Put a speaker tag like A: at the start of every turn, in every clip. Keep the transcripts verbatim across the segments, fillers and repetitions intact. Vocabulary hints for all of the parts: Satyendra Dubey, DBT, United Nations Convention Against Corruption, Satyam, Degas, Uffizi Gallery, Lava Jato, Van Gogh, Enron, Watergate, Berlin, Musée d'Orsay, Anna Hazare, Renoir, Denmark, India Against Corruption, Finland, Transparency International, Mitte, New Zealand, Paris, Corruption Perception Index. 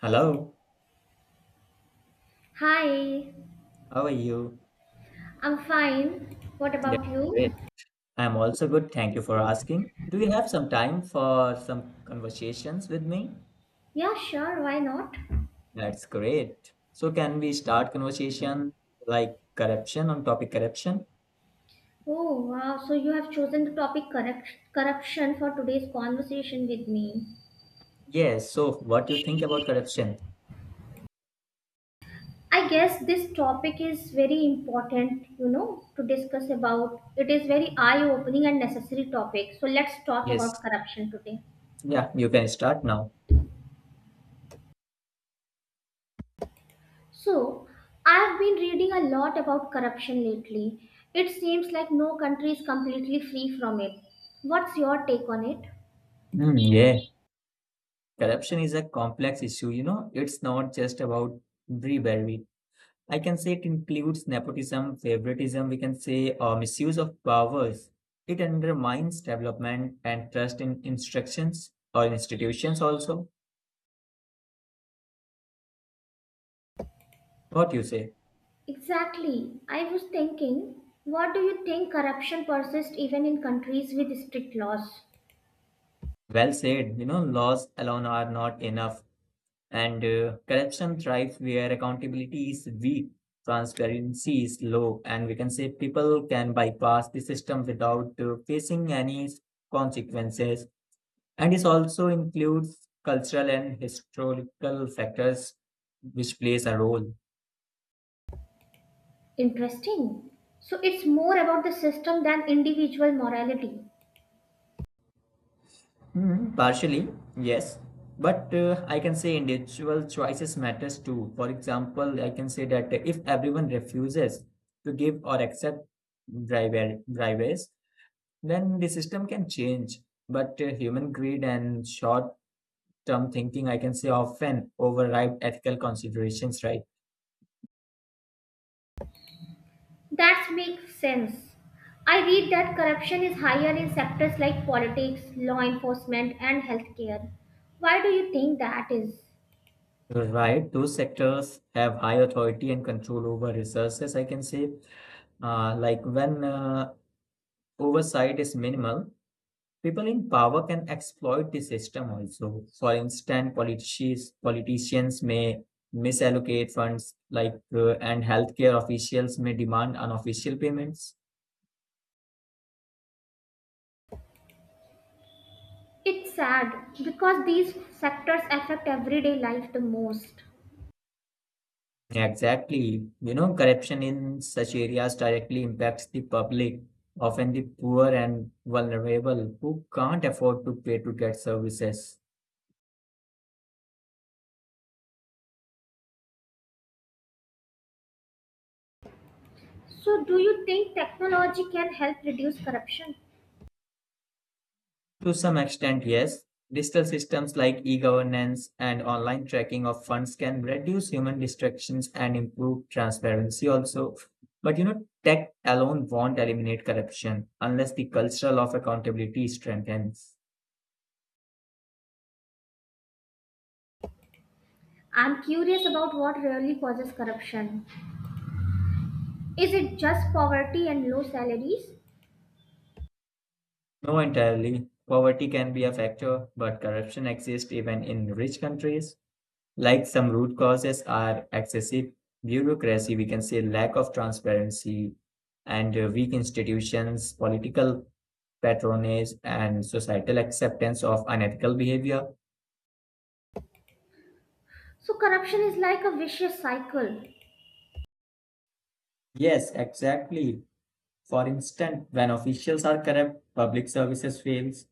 A: Hello,
B: Hi,
A: how are you?
B: I'm fine. What
A: Yeah,
B: about you?
A: great. I'm also good. Thank you for asking. Do you have some time for some conversations with me?
B: Yeah, sure, why not?
A: That's great. So can we start conversation like corruption on topic corruption?
B: Oh, wow, so you have chosen the topic correct, corruption for today's conversation with me.
A: Yes. So what do you think about corruption?
B: I guess this topic is very important, you know, to discuss about. It is very eye-opening and necessary topic. So let's talk
A: Yes.
B: about corruption today.
A: Yeah, you can start now.
B: So, I've been reading a lot about corruption lately. It seems like no country is completely free from it. What's your take on it?
A: Hmm. yeah. Corruption is a complex issue, you know. It's not just about bribery. I can say it includes nepotism, favoritism, we can say uh, misuse of powers. It undermines development and trust in instructions or institutions also. What you say?
B: Exactly. I was thinking, what do you think corruption persists even in countries with strict laws?
A: Well said. You know, laws alone are not enough. And uh, corruption thrives where accountability is weak, transparency is low, and we can say people can bypass the system without uh, facing any consequences. And this also includes cultural and historical factors which plays a role.
B: Interesting. So it's more about the system than individual morality.
A: Hmm, partially yes, but uh, I can say individual choices matters too. For example, I can say that if everyone refuses to give or accept bribe- bribes, then the system can change. But uh, human greed and short term thinking, I can say, often override ethical considerations, right?
B: That makes sense. I read that corruption is higher in sectors like politics, law enforcement, and healthcare. Why do you think that is?
A: You're right. Those sectors have high authority and control over resources, I can say. Uh, like when uh, oversight is minimal, people in power can exploit the system also. For instance, politicians, politicians may misallocate funds like uh, and healthcare officials may demand unofficial payments.
B: It's sad because these sectors affect everyday life the most.
A: Yeah, exactly. You know, corruption in such areas directly impacts the public, often the poor and vulnerable who can't afford to pay to get services.
B: So, do you think technology can help reduce corruption?
A: To some extent, yes, digital systems like e-governance and online tracking of funds can reduce human distractions and improve transparency also. But you know, tech alone won't eliminate corruption unless the cultural of accountability strengthens.
B: I'm curious about what really causes corruption. Is it just poverty and low salaries?
A: No, entirely. Poverty can be a factor, but corruption exists even in rich countries. Like some root causes are excessive bureaucracy, we can say lack of transparency, and uh, weak institutions, political patronage, and societal acceptance of unethical behavior.
B: So, corruption is like a vicious cycle.
A: Yes, exactly. For instance, when officials are corrupt, public services fails.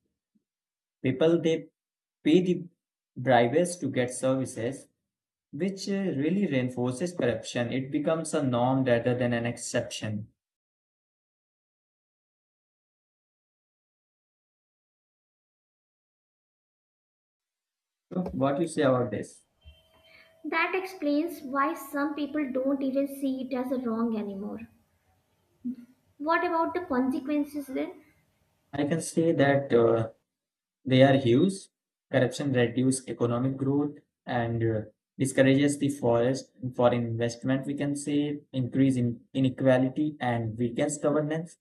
A: People, they pay the bribes to get services, which uh, really reinforces corruption. It becomes a norm rather than an exception. So, what you say about this?
B: That explains why some people don't even see it as a wrong anymore. What about the consequences then?
A: I can say that uh, they are huge. Corruption reduces economic growth and uh, discourages the forest for investment. We can say increase in inequality and weakens governance.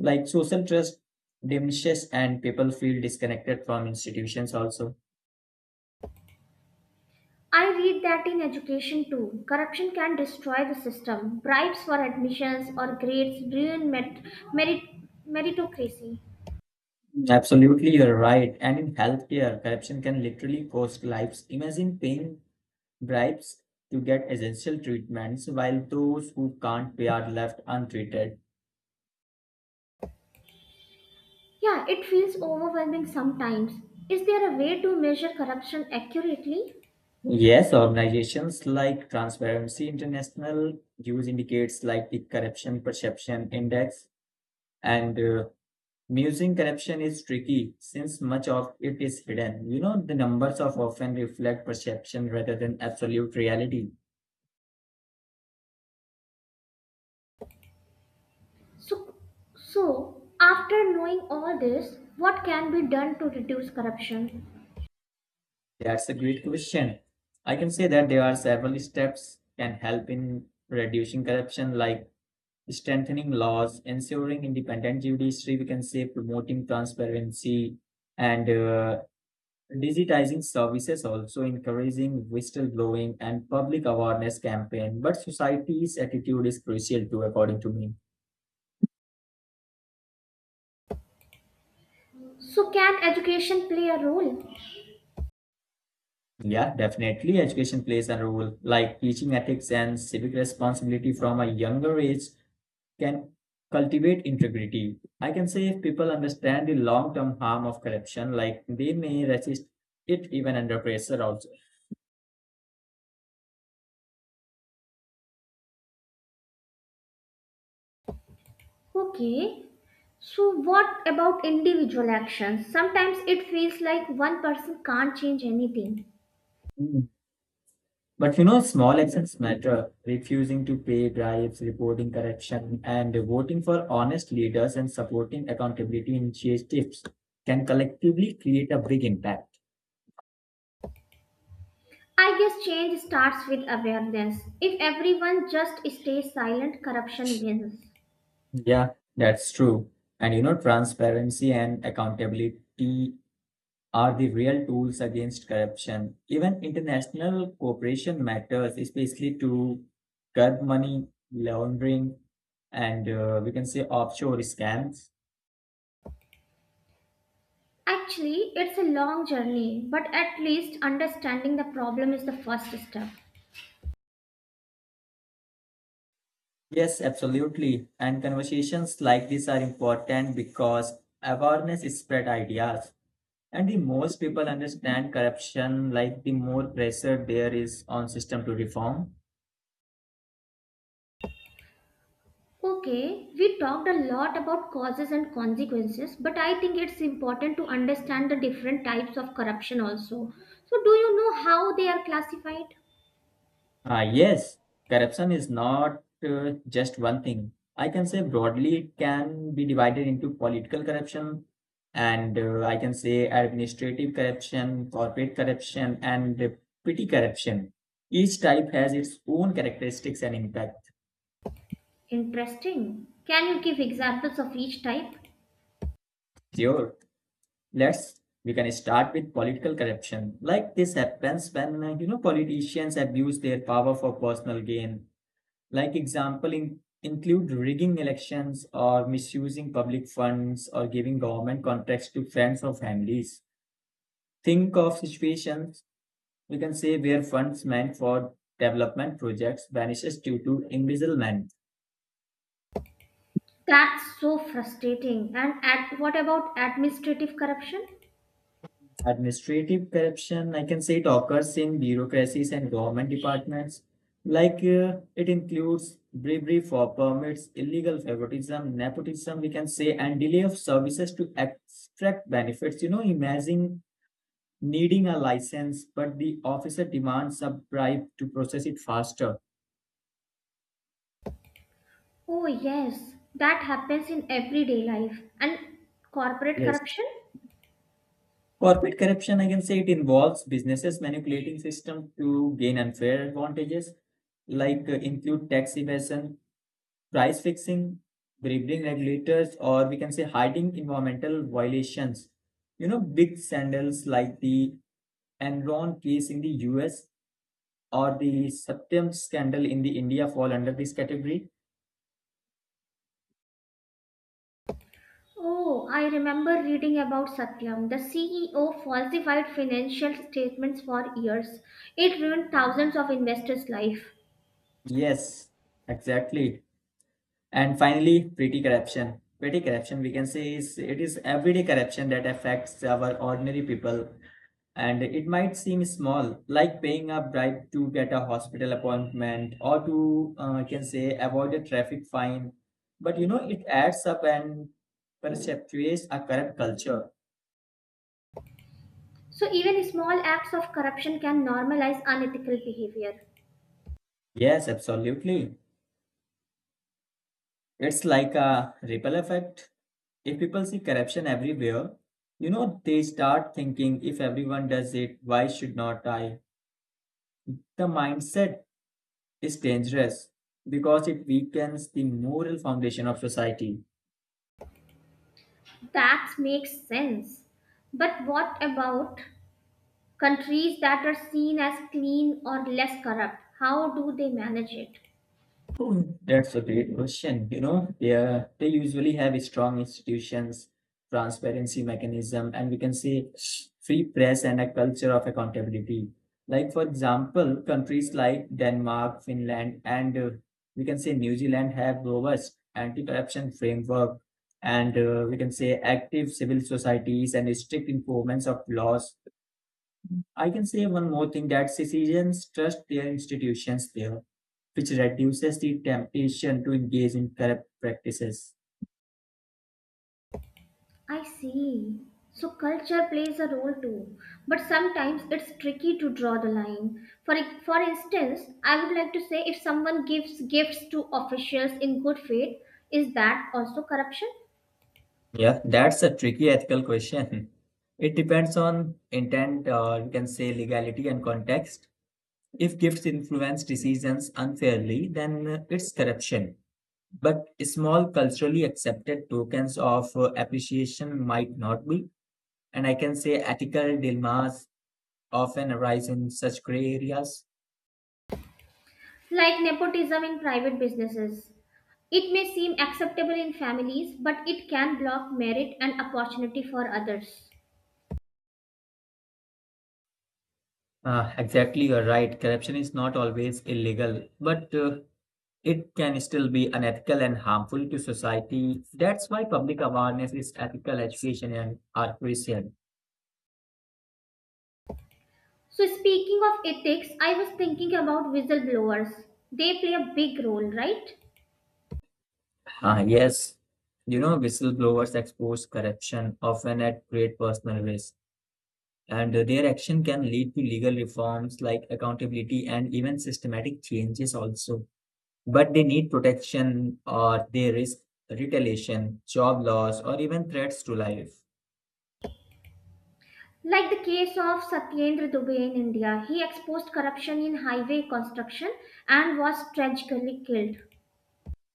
A: Like social trust diminishes and people feel disconnected from institutions also.
B: I read that in education too. Corruption can destroy the system. Bribes for admissions or grades ruin merit, merit, meritocracy.
A: Absolutely, you're right. And in healthcare, corruption can literally cost lives. Imagine paying bribes to get essential treatments, while those who can't pay are left untreated.
B: Yeah, it feels overwhelming sometimes. Is there a way to measure corruption accurately?
A: Yes, organizations like Transparency International use indicators like the Corruption Perception Index, and uh, musing corruption is tricky since much of it is hidden. You know, the numbers of often reflect perception rather than absolute reality.
B: So, so after knowing all this, what can be done to reduce corruption?
A: That's a great question. I can say that there are several steps can help in reducing corruption, like strengthening laws, ensuring independent judiciary, we can say promoting transparency and uh, digitizing services, also encouraging whistleblowing and public awareness campaign, but society's attitude is crucial too, according to me.
B: So, can education play a role?
A: Yeah, definitely education plays a role. Like teaching ethics and civic responsibility from a younger age can cultivate integrity. I can say if people understand the long term harm of corruption, like they may resist it even under pressure also.
B: Okay. So, what about individual actions? Sometimes it feels like one person can't change anything.
A: Mm. But you know, small actions matter. Refusing to pay bribes, reporting corruption, and voting for honest leaders and supporting accountability initiatives can collectively create a big impact.
B: I guess change starts with awareness. If everyone just stays silent, corruption wins.
A: Yeah, that's true. And you know, transparency and accountability are the real tools against corruption. Even international cooperation matters, especially to curb money laundering and uh, we can say offshore scams.
B: Actually, it's a long journey, but at least understanding the problem is the first step.
A: Yes, absolutely. And conversations like this are important because awareness is spread ideas. And the most people understand corruption, like the more pressure there is on system to reform.
B: Okay, we talked a lot about causes and consequences, but I think it's important to understand the different types of corruption also. So, do you know how they are classified?
A: Ah, yes, corruption is not uh, just one thing. I can say broadly it can be divided into political corruption and uh, I can say administrative corruption, corporate corruption, and uh, petty corruption. Each type has its own characteristics and impact.
B: Interesting. Can you give examples of each type?
A: Sure. Let's we can start with political corruption. Like this happens when uh, you know, politicians abuse their power for personal gain. Like example in, include rigging elections or misusing public funds or giving government contracts to friends or families. Think of situations, we can say, where funds meant for development projects vanishes due to embezzlement.
B: That's so frustrating. And at, what about administrative corruption?
A: Administrative corruption, I can say it occurs in bureaucracies and government departments. Like uh, it includes bribery for permits, illegal favoritism, nepotism, we can say, and delay of services to extract benefits. You know, imagine needing a license, but the officer demands a bribe to process it faster.
B: Oh, yes, that happens in everyday life. And corporate
A: Yes.
B: corruption?
A: Corporate corruption, I can say it involves businesses manipulating systems to gain unfair advantages, like uh, include tax evasion, price fixing, bribing regulators, or we can say hiding environmental violations. You know, big scandals like the Enron case in the U S or the Satyam scandal in the India fall under this category.
B: Oh, I remember reading about Satyam. The C E O falsified financial statements for years. It ruined thousands of investors' life.
A: Yes, exactly. And finally, petty corruption. Petty corruption, we can say, is it is everyday corruption that affects our ordinary people. And it might seem small, like paying a bribe to get a hospital appointment or to, uh, I can say, avoid a traffic fine. But you know, it adds up and perpetuates a corrupt culture.
B: So even small acts of corruption can normalize unethical behavior.
A: Yes, absolutely. It's like a ripple effect. If people see corruption everywhere, you know, they start thinking if everyone does it, why should not I? The mindset is dangerous because it weakens the moral foundation of society.
B: That makes sense. But what about countries that are seen as clean or less corrupt? How do they manage it?
A: Oh, that's a great question. You know, they are, they usually have strong institutions, transparency mechanism, and we can say free press and a culture of accountability. Like for example, countries like Denmark, Finland, and uh, we can say New Zealand have robust anti-corruption framework, and uh, we can say active civil societies and strict enforcement of laws. I can say one more thing, that citizens trust their institutions there, which reduces the temptation to engage in corrupt practices.
B: I see. So culture plays a role too, but sometimes it's tricky to draw the line. For for instance, I would like to say if someone gives gifts to officials in good faith, is that also corruption?
A: Yeah, that's a tricky ethical question. It depends on intent, or you can say legality and context. If gifts influence decisions unfairly, then uh, it's corruption. But small culturally accepted tokens of uh, appreciation might not be. And I can say ethical dilemmas often arise in such gray areas.
B: Like nepotism in private businesses. It may seem acceptable in families, but it can block merit and opportunity for others.
A: Uh, exactly, you're right. Corruption is not always illegal, but uh, it can still be unethical and harmful to society. That's why public awareness is ethical education and are crucial.
B: So, speaking of ethics, I was thinking about whistleblowers. They play a big role, right?
A: Ah, yes, you know, whistleblowers expose corruption often at great personal risk, and uh, their action can lead to legal reforms like accountability and even systematic changes also. But they need protection or they risk retaliation, job loss, or even threats to life.
B: Like the case of Satyendra Dubey in India, he exposed corruption in highway construction and was tragically killed.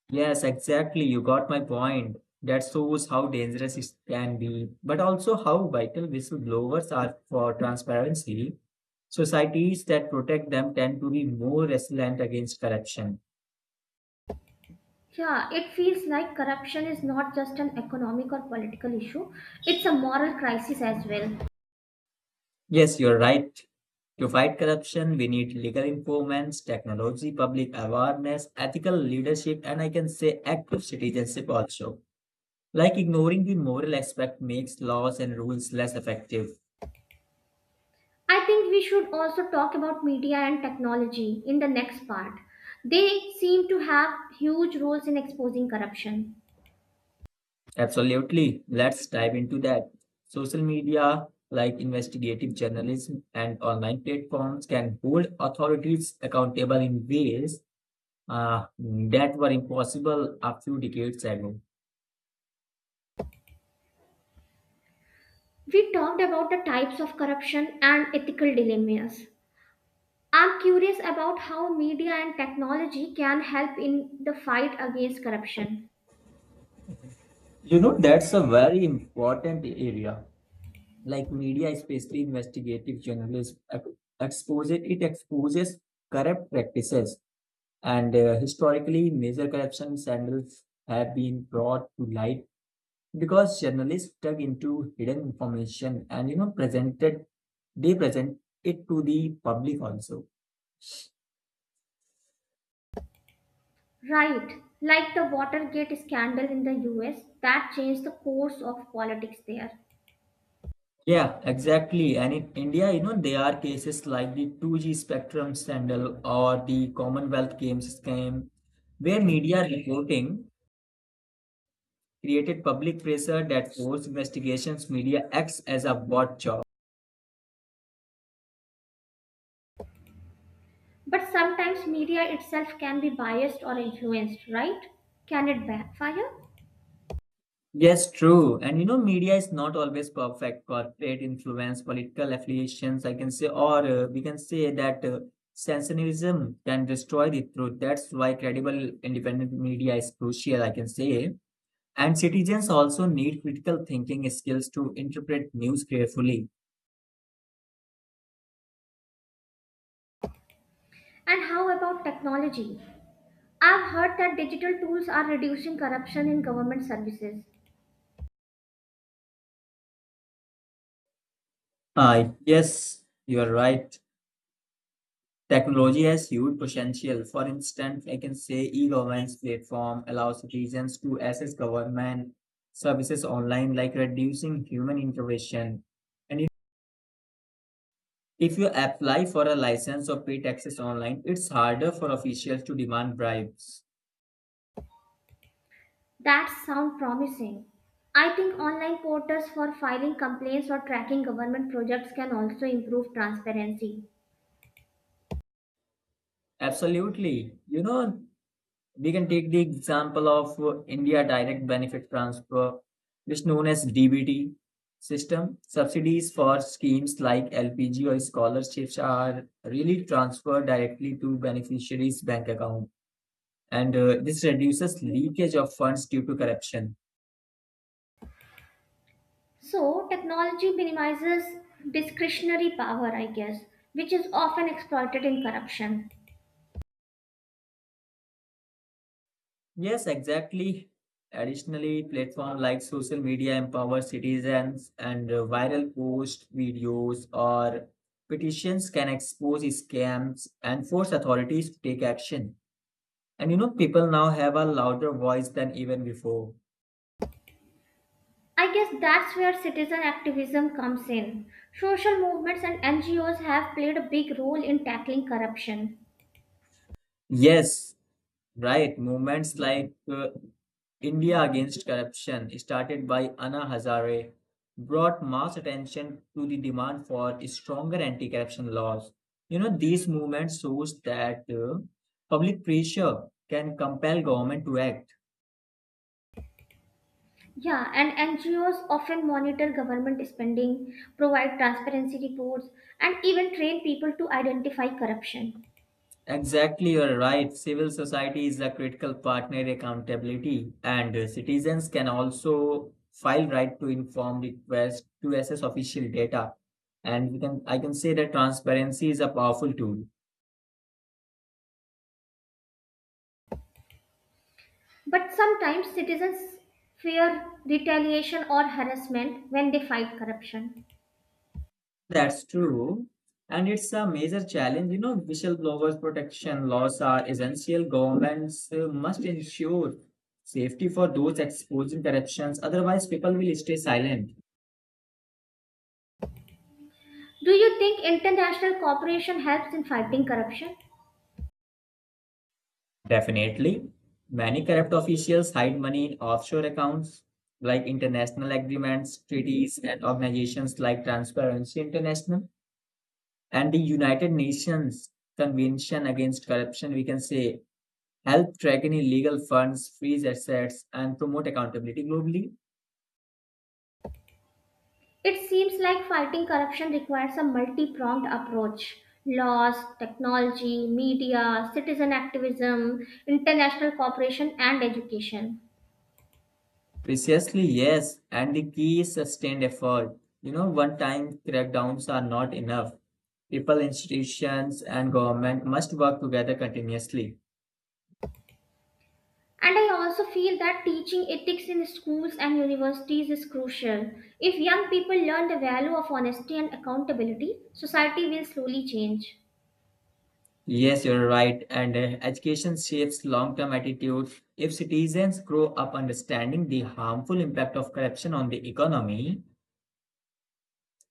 A: Yes, exactly. You got my point. That shows how dangerous it can be, but also how vital whistleblowers are for transparency. Societies that protect them tend to be more resilient against corruption.
B: Yeah, it feels like corruption is not just an economic or political issue, it's a moral crisis as well.
A: Yes, you're right. To fight corruption, we need legal informants, technology, public awareness, ethical leadership, and I can say active citizenship also. Like ignoring the moral aspect makes laws and rules less effective.
B: I think we should also talk about media and technology in the next part. They seem to have huge roles in exposing corruption.
A: Absolutely. Let's dive into that. Social media, like investigative journalism and online platforms, can hold authorities accountable in ways uh, that were impossible a few decades ago.
B: We talked about the types of corruption and ethical dilemmas. I'm curious about how media and technology can help in the fight against corruption.
A: You know, that's a very important area. Like media, especially investigative journalism, ex- exposes, it exposes corrupt practices, and uh, historically, major corruption scandals have been brought to light because journalists dug into hidden information and you know presented, they present it to the public also.
B: Right, like the Watergate scandal in the U S that changed the course of politics there.
A: Yeah, exactly. And in India, you know, there are cases like the two g spectrum scandal or the Commonwealth Games scam, where media reporting created public pressure that forced investigations. Media acts as a watchdog.
B: But sometimes media itself can be biased or influenced, right? Can it backfire?
A: Yes, true. And you know, media is not always perfect. Corporate influence, political affiliations, I can say, or uh, we can say that uh, sensationalism can destroy the truth. That's why credible independent media is crucial, I can say. And citizens also need critical thinking skills to interpret news carefully.
B: And how about technology? I've heard that digital tools are reducing corruption in government services.
A: Uh, yes, you are right. Technology has huge potential. For instance, I can say e-governance platform allows citizens to access government services online, like reducing human intervention. And if if you apply for a license or pay taxes online, it's harder for officials to demand bribes.
B: That sounds promising. I think online portals for filing complaints or tracking government projects can also improve transparency.
A: Absolutely. You know, we can take the example of uh, India Direct Benefit Transfer, which is known as D B T system. Subsidies for schemes like L P G or scholarships are really transferred directly to beneficiaries' bank account, and uh, this reduces leakage of funds due to corruption.
B: So, technology minimizes discretionary power, I guess, which is often exploited in corruption.
A: Yes, exactly. Additionally, platform like social media empower citizens and uh, viral posts, videos, or petitions can expose scams and force authorities to take action. And you know, people now have a louder voice than even before.
B: I guess that's where citizen activism comes in. Social movements and N G Os have played a big role in tackling corruption.
A: Yes, right, movements like uh, India Against Corruption, started by Anna Hazare, brought mass attention to the demand for stronger anti corruption laws. You know, these movements shows that uh, public pressure can compel government to act.
B: Yeah, and N G Os often monitor government spending, provide transparency reports, and even train people to identify corruption.
A: Exactly, you're right. Civil society is a critical partner accountability, and uh, citizens can also file right to inform request to access official data. And we can, I can say that transparency is a powerful tool.
B: But sometimes citizens fear retaliation or harassment when they fight corruption.
A: That's true. And it's a major challenge. You know, whistleblowers protection laws are essential. Governments uh, must ensure safety for those exposing corruptions. Otherwise, people will stay silent.
B: Do you think international cooperation helps in fighting corruption?
A: Definitely. Many corrupt officials hide money in offshore accounts like international agreements, treaties, and organizations like Transparency International and the United Nations Convention Against Corruption, we can say, help track any illegal funds, freeze assets, and promote accountability globally.
B: It seems like fighting corruption requires a multi pronged approach laws, technology, media, citizen activism, international cooperation, and education.
A: Precisely, yes. And the key is sustained effort. You know, one time crackdowns are not enough. People, institutions, and government must work together continuously.
B: And I also feel that teaching ethics in schools and universities is crucial. If young people learn the value of honesty and accountability, society will slowly change.
A: Yes, you're right. And uh, education shapes long term attitudes. If citizens grow up understanding the harmful impact of corruption on the economy,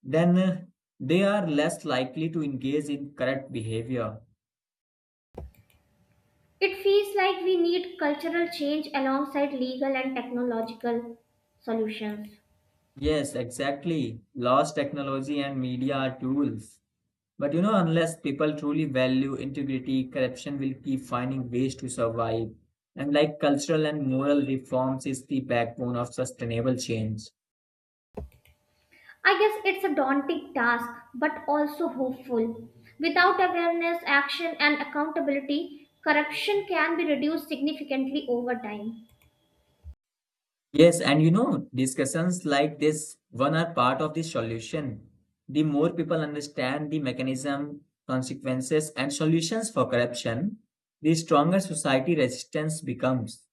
A: then uh, they are less likely to engage in corrupt behavior.
B: It feels like we need cultural change alongside legal and technological solutions.
A: Yes, exactly. Laws, technology, and media are tools. But you know, unless people truly value integrity, corruption will keep finding ways to survive. And like cultural and moral reforms is the backbone of sustainable change.
B: I guess it's a daunting task, but also hopeful. Without awareness, action, and accountability, corruption can be reduced significantly over time.
A: Yes, and you know, discussions like this one are part of the solution. The more people understand the mechanism, consequences, and solutions for corruption, the stronger society resistance becomes.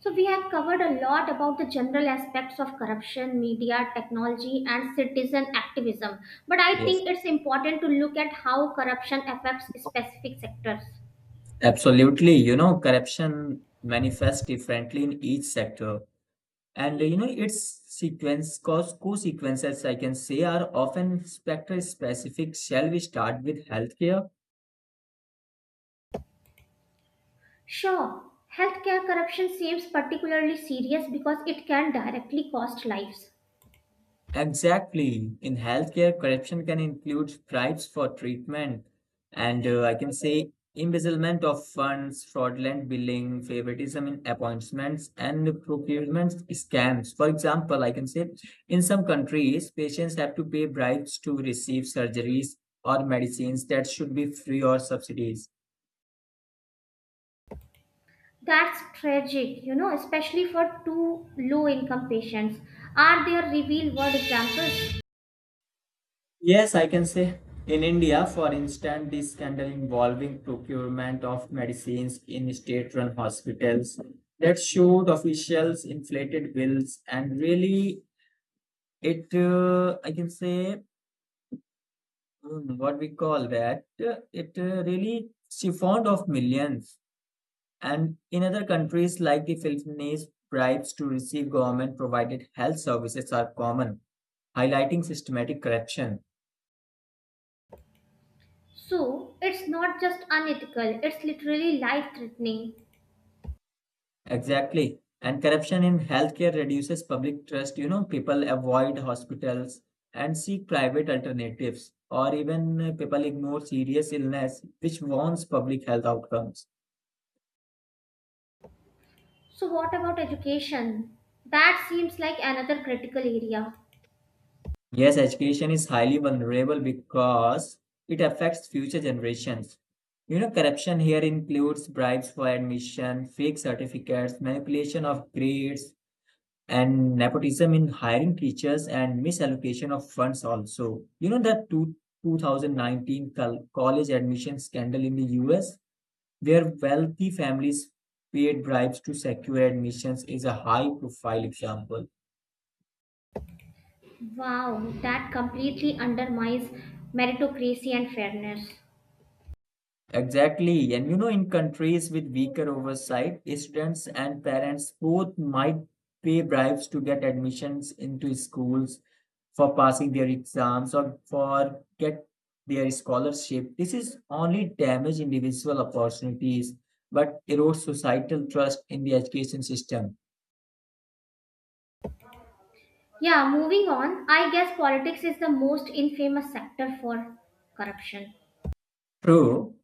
B: So, we have covered a lot about the general aspects of corruption, media, technology, and citizen activism. But I
A: Yes,
B: think it's important to look at how corruption affects specific sectors.
A: absolutely. You know, corruption manifests differently in each sector. And you know, its sequence, cause co-sequences, I can say, are often sector specific. Shall we start with healthcare?
B: Sure, healthcare corruption seems particularly serious because it can directly cost lives.
A: Exactly. In healthcare, corruption can include bribes for treatment, and uh, I can say embezzlement of funds, fraudulent billing, favoritism in appointments, and procurement scams. For example, I can say in some countries, patients have to pay bribes to receive surgeries or medicines that should be free or subsidies.
B: That's tragic, you know, especially for two low income patients. Are there real world examples?
A: Yes, I can say in India, for instance, the scandal involving procurement of medicines in state-run hospitals that showed officials inflated bills and really it uh, I can say mm, what we call that uh, it uh, really siphoned off millions. And in other countries like the Philippines, bribes to receive government-provided health services are common, highlighting systematic corruption.
B: So, it's not just unethical, it's literally life threatening.
A: Exactly. And corruption in healthcare reduces public trust. You know, people avoid hospitals and seek private alternatives, or even uh, people ignore serious illness, which warns public health outcomes.
B: So, what about education? That seems like another critical area.
A: Yes, education is highly vulnerable because it affects future generations. You know, corruption here includes bribes for admission, fake certificates, manipulation of grades, and nepotism in hiring teachers and misallocation of funds also. You know that two, two thousand nineteen col- college admission scandal in the U S, where wealthy families paid bribes to secure admissions, is a high profile example.
B: Wow, that completely undermines meritocracy and fairness.
A: Exactly. And you know, in countries with weaker oversight, students and parents both might pay bribes to get admissions into schools for passing their exams or for get their scholarship. This is only damage individual opportunities, but erodes societal trust in the education system.
B: Yeah, moving on, I guess politics is the most infamous sector for corruption.
A: True.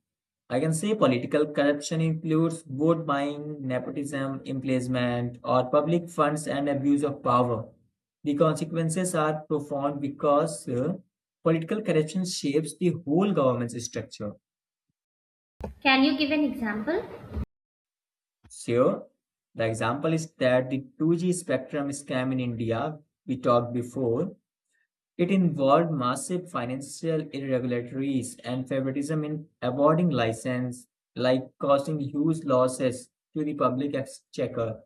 A: I can say political corruption includes vote buying, nepotism, embezzlement, or public funds and abuse of power. The consequences are profound because uh, political corruption shapes the whole government's structure.
B: Can you give an example?
A: So, the example is that the two G spectrum scam in India, we talked before, it involved massive financial irregularities and favoritism in awarding license, like causing huge losses to the public exchequer.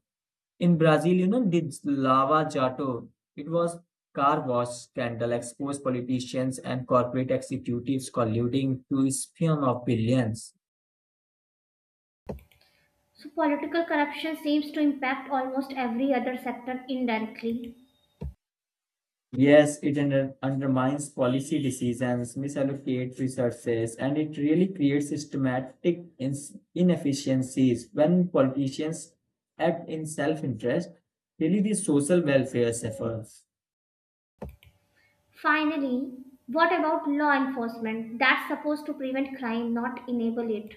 A: In Brazil, you know, did Lava Jato, it was car wash scandal exposed politicians and corporate executives colluding to spin of billions.
B: So, political corruption seems to impact almost every other sector indirectly.
A: Yes, it under- undermines policy decisions, misallocates resources, and it really creates systematic ins- inefficiencies when politicians act in self-interest. Really, the social welfare suffers.
B: Finally, what about law enforcement? That's supposed to prevent crime, not enable it.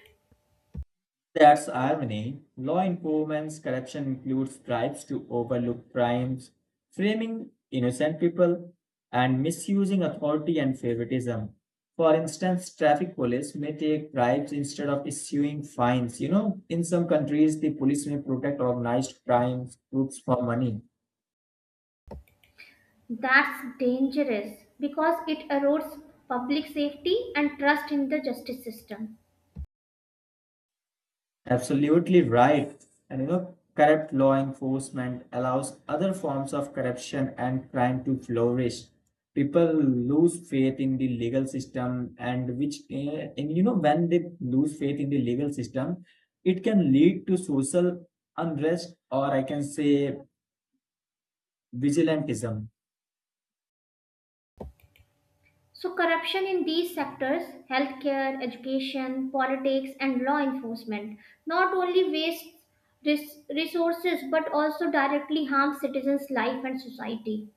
A: That's irony. Law improvements corruption includes bribes to overlook crimes, framing innocent people, and misusing authority and favoritism. For instance, traffic police may take bribes instead of issuing fines. You know, in some countries, the police may protect organized crime groups for money.
B: That's dangerous because it erodes public safety and trust in the justice system.
A: Absolutely right. And you know, corrupt law enforcement allows other forms of corruption and crime to flourish. People lose faith in the legal system, and which, eh, and you know, when they lose faith in the legal system, it can lead to social unrest or I can say vigilantism.
B: So, corruption in these sectors healthcare, education, politics, and law enforcement not only wastes res- resources but also directly harms citizens' life and society.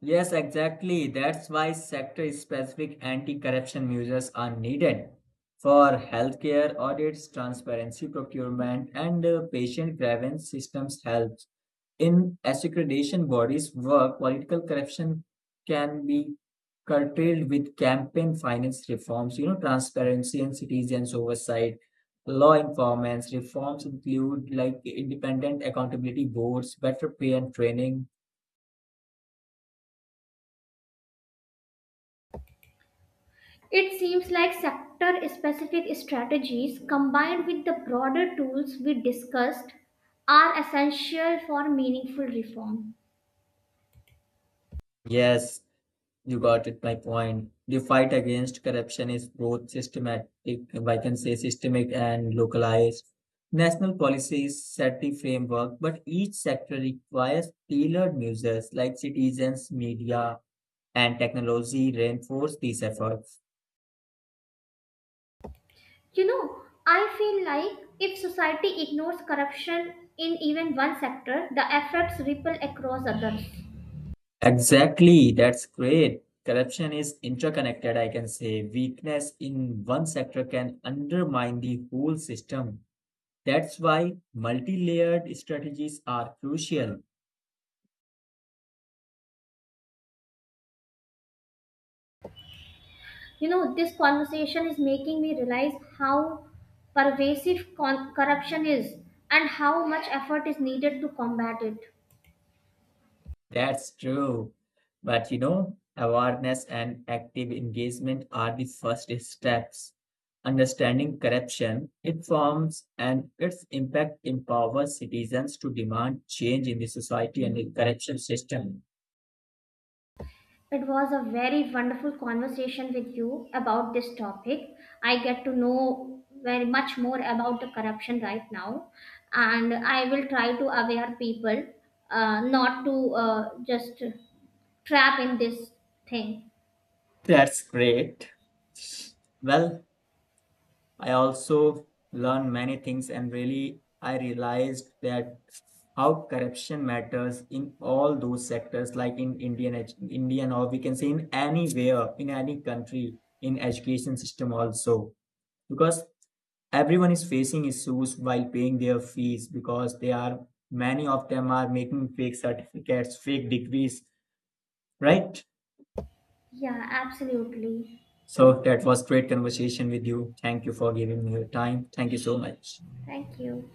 A: Yes, exactly. That's why sector-specific anti-corruption measures are needed for healthcare audits, transparency procurement, and uh, patient grievance systems help. In accreditation bodies' work, political corruption can be curtailed with campaign finance reforms, you know, transparency and citizens' oversight, law informants. Reforms include like independent accountability boards, better pay and training.
B: It seems like sector specific strategies combined with the broader tools we discussed are essential for meaningful reform.
A: Yes, you got it, my point. The fight against corruption is both systematic, if I can say systemic and localized. National policies set the framework, but each sector requires tailored measures like citizens, media, and technology reinforce these efforts.
B: You know, I feel like if society ignores corruption in even one sector, the effects ripple across others.
A: Exactly, that's great. Corruption is interconnected, I can say. Weakness in one sector can undermine the whole system. That's why multi layered strategies are crucial.
B: You know, this conversation is making me realize how pervasive con- corruption is and how much effort is needed to combat it.
A: That's true. But you know, awareness and active engagement are the first steps. Understanding corruption, it forms and its impact empowers citizens to demand change in the society and the corruption system.
B: It was a very wonderful conversation with you about this topic. I get to know very much more about the corruption right now, and I will try to aware people uh, not to uh, just trap in this thing.
A: That's great. Well, I also learned many things and really I realized that how corruption matters in all those sectors, like in Indian, edu- Indian or we can say in anywhere, in any country, in education system also, because everyone is facing issues while paying their fees because they are many of them are making fake certificates, fake degrees, right?
B: Yeah, absolutely.
A: So that was great conversation with you. Thank you for giving me your time. Thank you so much.
B: Thank you.